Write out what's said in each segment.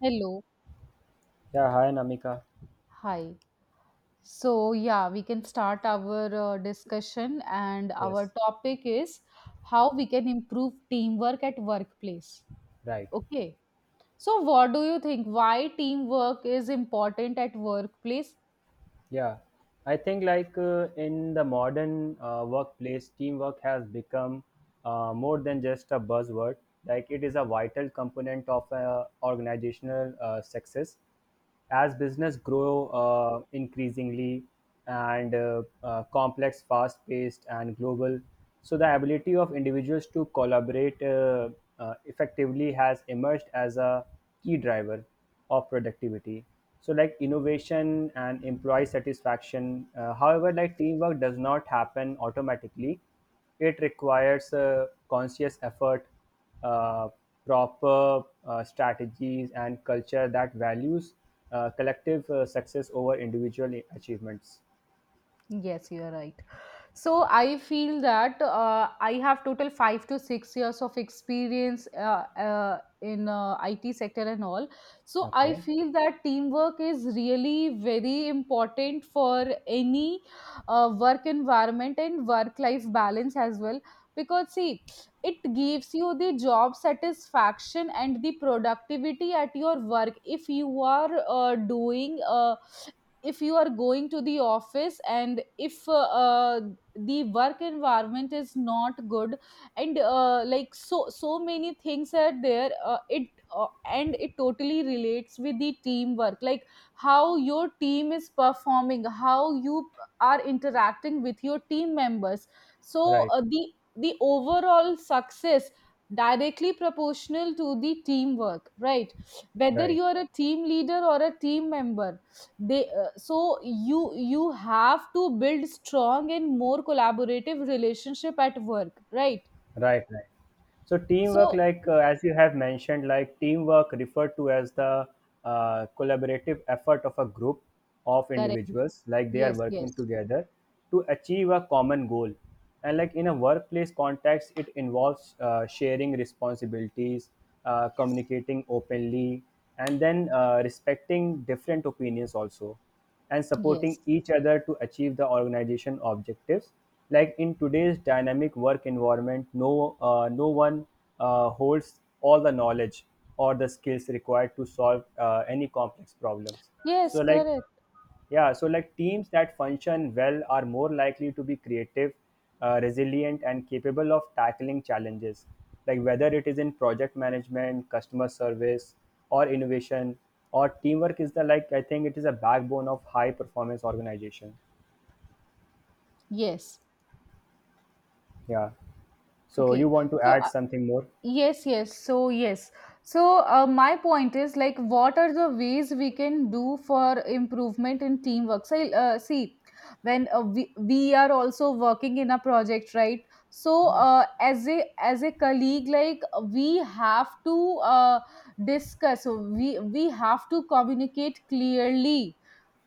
Hello. Yeah, hi Namika. Hi. So, yeah, we can start our discussion, and Yes, our topic is how we can improve teamwork at workplace. right. Okay. So, what do you think? Why teamwork is important at workplace? Yeah, I think like in the modern workplace, teamwork has become more than just a buzzword. Like it is a vital component of organizational success. As business grow increasingly and complex, fast-paced, and global, so the ability of individuals to collaborate effectively has emerged as a key driver of productivity, so like innovation and employee satisfaction. However, like teamwork does not happen automatically, it requires conscious effort, uh, proper strategies and culture that values collective success over individual achievements. Yes, you are right. So I feel that I have total 5 to 6 years of experience in IT sector and all. So I Okay. feel that teamwork is really very important for any work environment and work life balance as well. Because see, it gives you the job satisfaction and the productivity at your work if you are doing. If you are going to the office and if the work environment is not good and like so many things are there it uh, and it totally relates with the teamwork, like how your team is performing, how you are interacting with your team members. So Right. The overall success directly proportional to the teamwork, right? Whether Right. you are a team leader or a team member, they so you have to build strong and more collaborative relationship at work, right? Right, right. So teamwork, So like as you have mentioned, like teamwork referred to as the collaborative effort of a group of correct, individuals, like they are yes, working yes, together to achieve a common goal. And like in a workplace context, it involves sharing responsibilities, communicating openly, and then respecting different opinions also and supporting yes, each other to achieve the organization objectives. Like in today's dynamic work environment, no one holds all the knowledge or the skills required to solve any complex problems. So yes, like correct, yeah, so like teams that function well are more likely to be creative, resilient, and capable of tackling challenges, like whether it is in project management, customer service, or innovation, or teamwork is the, like I think it is a backbone of high performance organization. yes, Yeah. So you okay. want to So add something more? yes, yes. So, yes. So, my point is like, what are the ways we can do for improvement in teamwork? So, see, when we are also working in a project, right? So, Right. As a colleague, like we have to discuss. So we have to communicate clearly,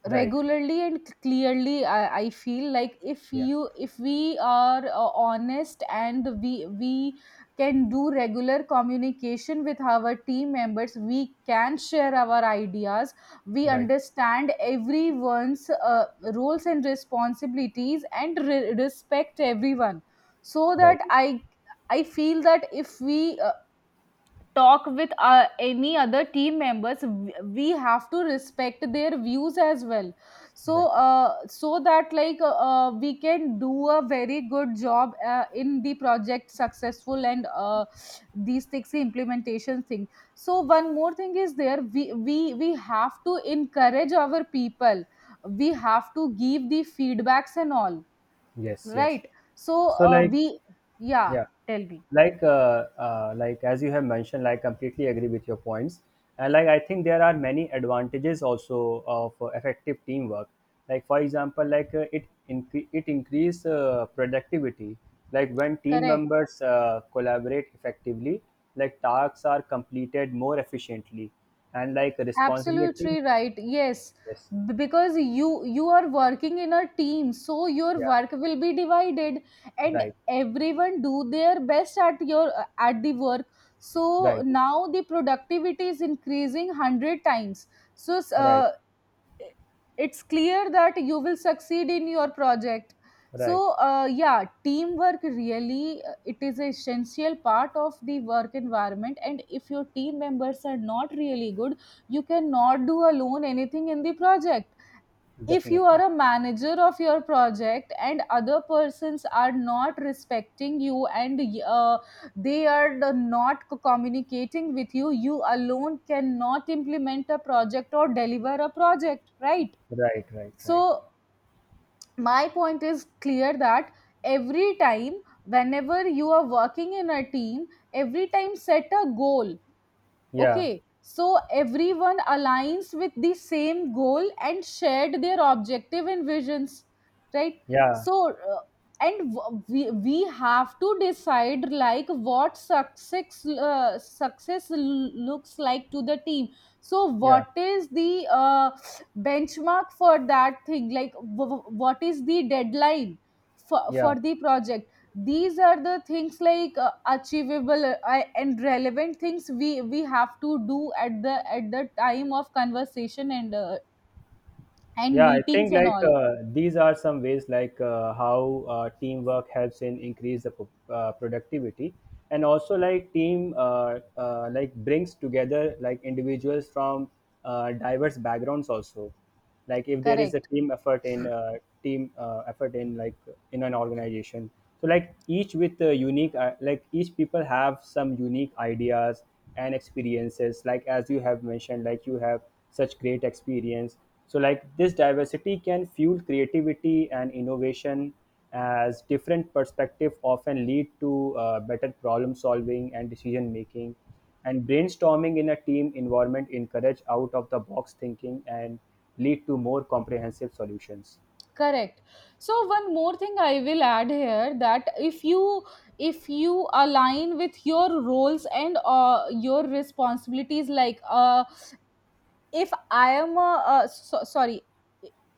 Right. regularly and clearly. I feel like if Yeah. you if we are honest and we can do regular communication with our team members, we can share our ideas, we Right. understand everyone's roles and responsibilities and respect everyone, so Right. that I feel that if we talk with any other team members, we have to respect their views as well. So Right. So that like we can do a very good job in the project successful and these things, the implementation thing. So one more thing is there, we have to encourage our people, we have to give the feedbacks and all, Yes. Yes. right? So So like we yeah, yeah, tell me. Like as you have mentioned, like completely agree with your points, and like I think there are many advantages also of effective teamwork. Like for example, like it increase productivity, like when team Correct, members collaborate effectively, like tasks are completed more efficiently and like responsibility. absolutely right, yes. Yes. Because you are working in a team, so your Yeah. work will be divided and Right, everyone do their best at your at the work. So right. now the productivity is increasing 100 times. So Right, it's clear that you will succeed in your project. So right. Yeah, teamwork really it is an essential part of the work environment, and if your team members are not really good, you cannot do alone anything in the project. If you Definitely. are a manager of your project and other persons are not respecting you and uh, they are not communicating with you, you alone cannot implement a project or deliver a project, right? Right, right, right. So my point is clear that every time whenever you are working in a team, every time set a goal. Yeah, Okay, so everyone aligns with the same goal and shared their objective and visions, right? yeah. So, and we have to decide like what success looks like to the team. So, Yeah. what is the benchmark for that thing? Like, what is the deadline Yeah, for the project? These are the things like achievable and relevant things we have to do at the time of conversation and yeah. I meetings think and like all. These are some ways like how teamwork helps in increase the productivity, and also like team like brings together like individuals from diverse backgrounds also. Like if there is a Correct, team effort in like in an organization, so like each with a unique like each people have some unique ideas and experiences. Like as you have mentioned, like you have such great experience, so like this diversity can fuel creativity and innovation, as different perspective often lead to better problem solving and decision making, and brainstorming in a team environment encourage out of the box thinking and lead to more comprehensive solutions. correct. So one more thing I will add here that if you align with your roles and your responsibilities, like a if I am a, so, sorry,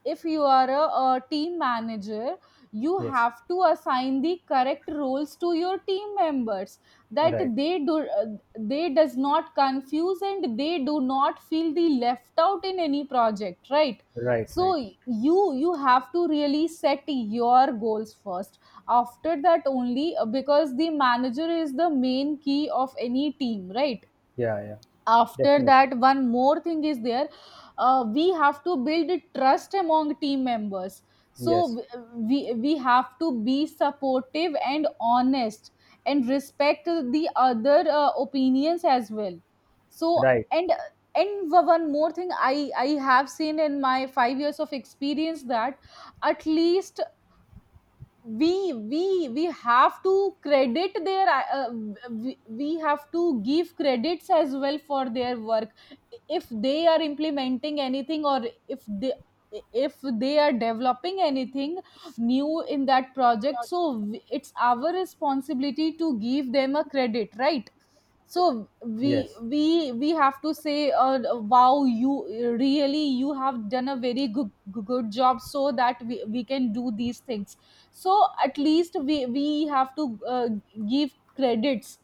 if you are a team manager, you Yes. have to assign the correct roles to your team members, that Right, they do they does not confuse and they do not feel the left out in any project, right? right, So right. you have to really set your goals first. After that, only because the manager is the main key of any team, right? Yeah, yeah. After Definitely. that, one more thing is there. We have to build trust among team members. So Yes. we have to be supportive and honest and respect the other opinions as well. So Right. And one more thing I have seen in my 5 years of experience that at least we have to credit their uh, we have to give credits as well for their work. If they are implementing anything or if they are developing anything new in that project, so it's our responsibility to give them a credit, right? So we Yes. we we have to say wow, you really, you have done a very good job, so that we can do these things. So at least we have to give credits.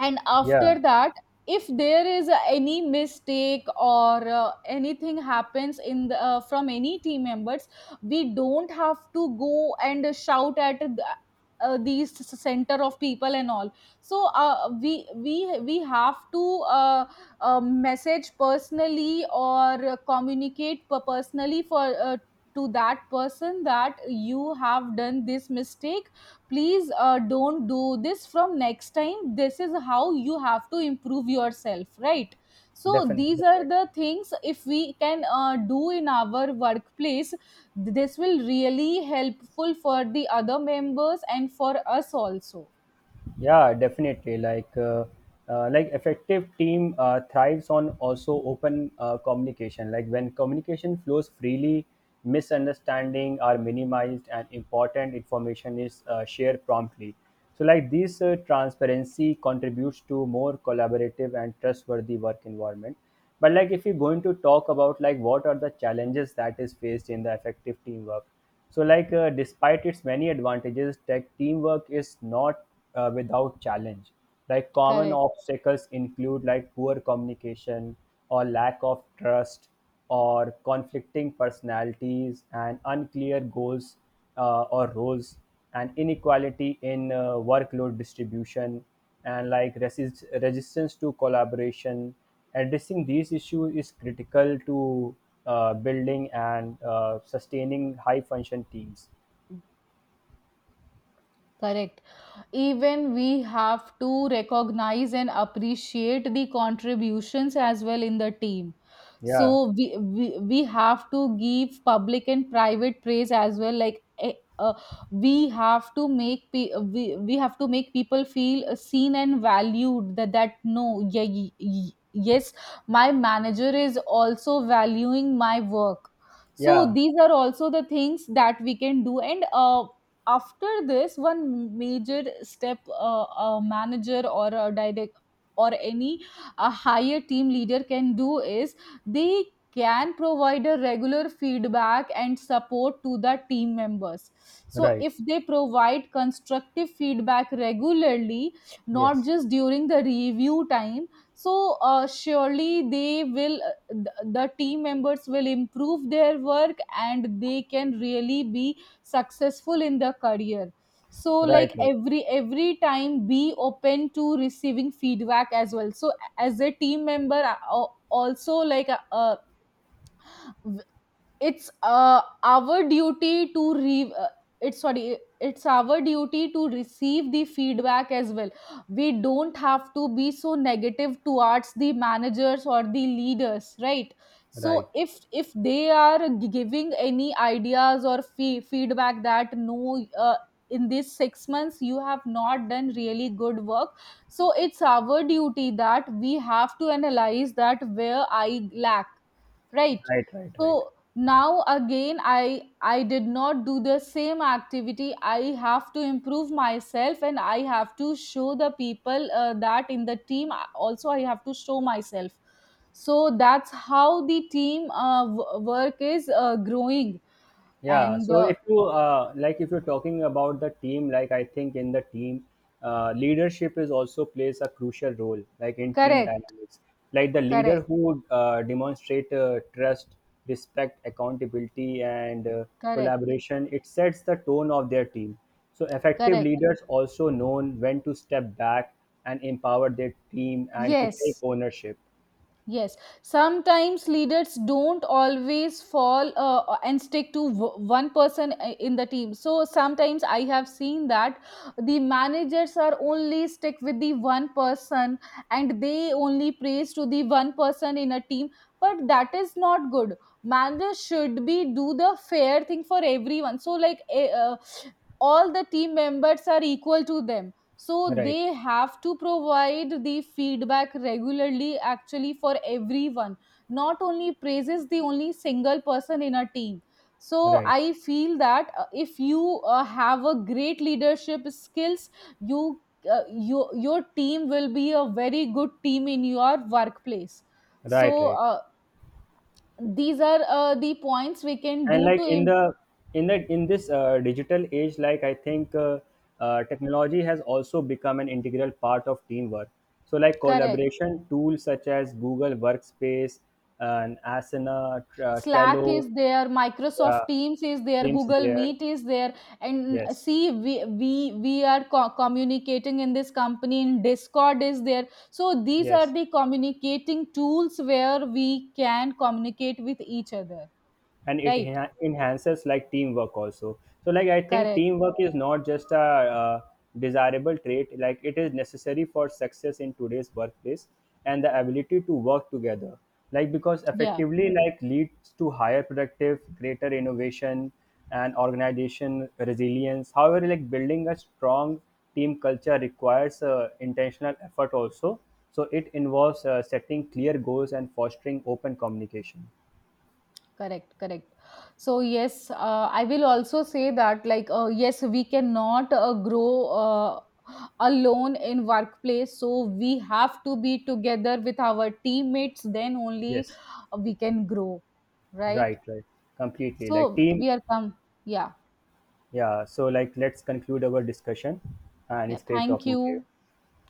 And Yeah. after that, if there is any mistake or anything happens in the, from any team members, we don't have to go and shout at the, these center of people and all. So we have to uh, message personally or communicate personally for to that person that you have done this mistake. Please don't do this from next time. This is how you have to improve yourself, right? So these Definitely. are the things if we can do in our workplace, this will really helpful for the other members and for us also. Yeah, definitely. Like effective team thrives on also open communication. Like when communication flows freely, misunderstanding are minimized and important information is shared promptly. So, like this transparency contributes to more collaborative and trustworthy work environment. But like if you're going to talk about like what are the challenges that is faced in the effective teamwork, so, like, despite its many advantages, tech teamwork is not without challenge. Like, common Correct. obstacles include like poor communication or lack of trust, or conflicting personalities and unclear goals or roles, and inequality in workload distribution, and like resistance to collaboration. Addressing these issues is critical to building and sustaining high function teams. Correct. Even we have to recognize and appreciate the contributions as well in the team. Yeah, So we have to give public and private praise as well, like uh, we have to make we have to make people feel seen and valued, that that no, yeah, yes, my manager is also valuing my work. So yeah, these are also the things that we can do. And after this, one major step a manager or a direct or any a higher team leader can do is they can provide a regular feedback and support to the team members. So right. if they provide constructive feedback regularly, not Yes, just during the review time, so surely they will the team members will improve their work and they can really be successful in their career. So right, like right, every time be open to receiving feedback as well. So as a team member also, like it's our duty to re it's sorry, it's our duty to receive the feedback as well. We don't have to be so negative towards the managers or the leaders, right? So right, if they are giving any ideas or feedback, that no in these 6 months you have not done really good work, so it's our duty that we have to analyze that where I lack, right? right, right, right. So now again I did not do the same activity, I have to improve myself and I have to show the people that in the team also I have to show myself. So that's how the team work is growing. Yeah, And so if you like, if you're talking about the team, like I think in the team, leadership is also plays a crucial role, like in team correct, dynamics. Like the leader correct, who demonstrate trust, respect, accountability, and correct, collaboration, it sets the tone of their team. So effective correct, leaders also known when to step back and empower their team and to take yes. ownership. Yes, sometimes leaders don't always fall and stick to one person in the team. So sometimes I have seen that the managers are only stick with the one person and they only praise to the one person in a team. But that is not good. Managers should be do the fair thing for everyone. So like all the team members are equal to them, so Right, they have to provide the feedback regularly actually for everyone, not only praises the only single person in a team. So right, I feel that if you have a great leadership skills, you your team will be a very good team in your workplace. right, So right. These are the points we can And do to like in the in the in this digital age, like I think technology has also become an integral part of teamwork. So like correct. collaboration tools such as Google Workspace and Asana, Slack Trello, is there, yeah, Microsoft Teams is there, Teams is Google there. Meet is there, and Yes. see we are communicating in this company. In Discord is there, so these are Yes. the communicating tools where we can communicate with each other. And it Right? Enhances like teamwork also. So like I think Correct. teamwork is not just a uh, desirable trait, like it is necessary for success in today's workplace, and the ability to work together, like because Yeah. effectively like leads to higher productive, greater innovation and organization resilience. However, like building a strong team culture requires intentional effort also, so it involves setting clear goals and fostering open communication. Correct, correct. So yes, I will also say that like yes, we cannot grow alone in workplace. So we have to be together with our teammates. Then only Yes. We can grow, right? Right, right. Completely. Like So team, we are come. Yeah, yeah. So like let's conclude our discussion, and yeah. it's great Thank talking to you. you,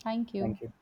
thank you. Thank you.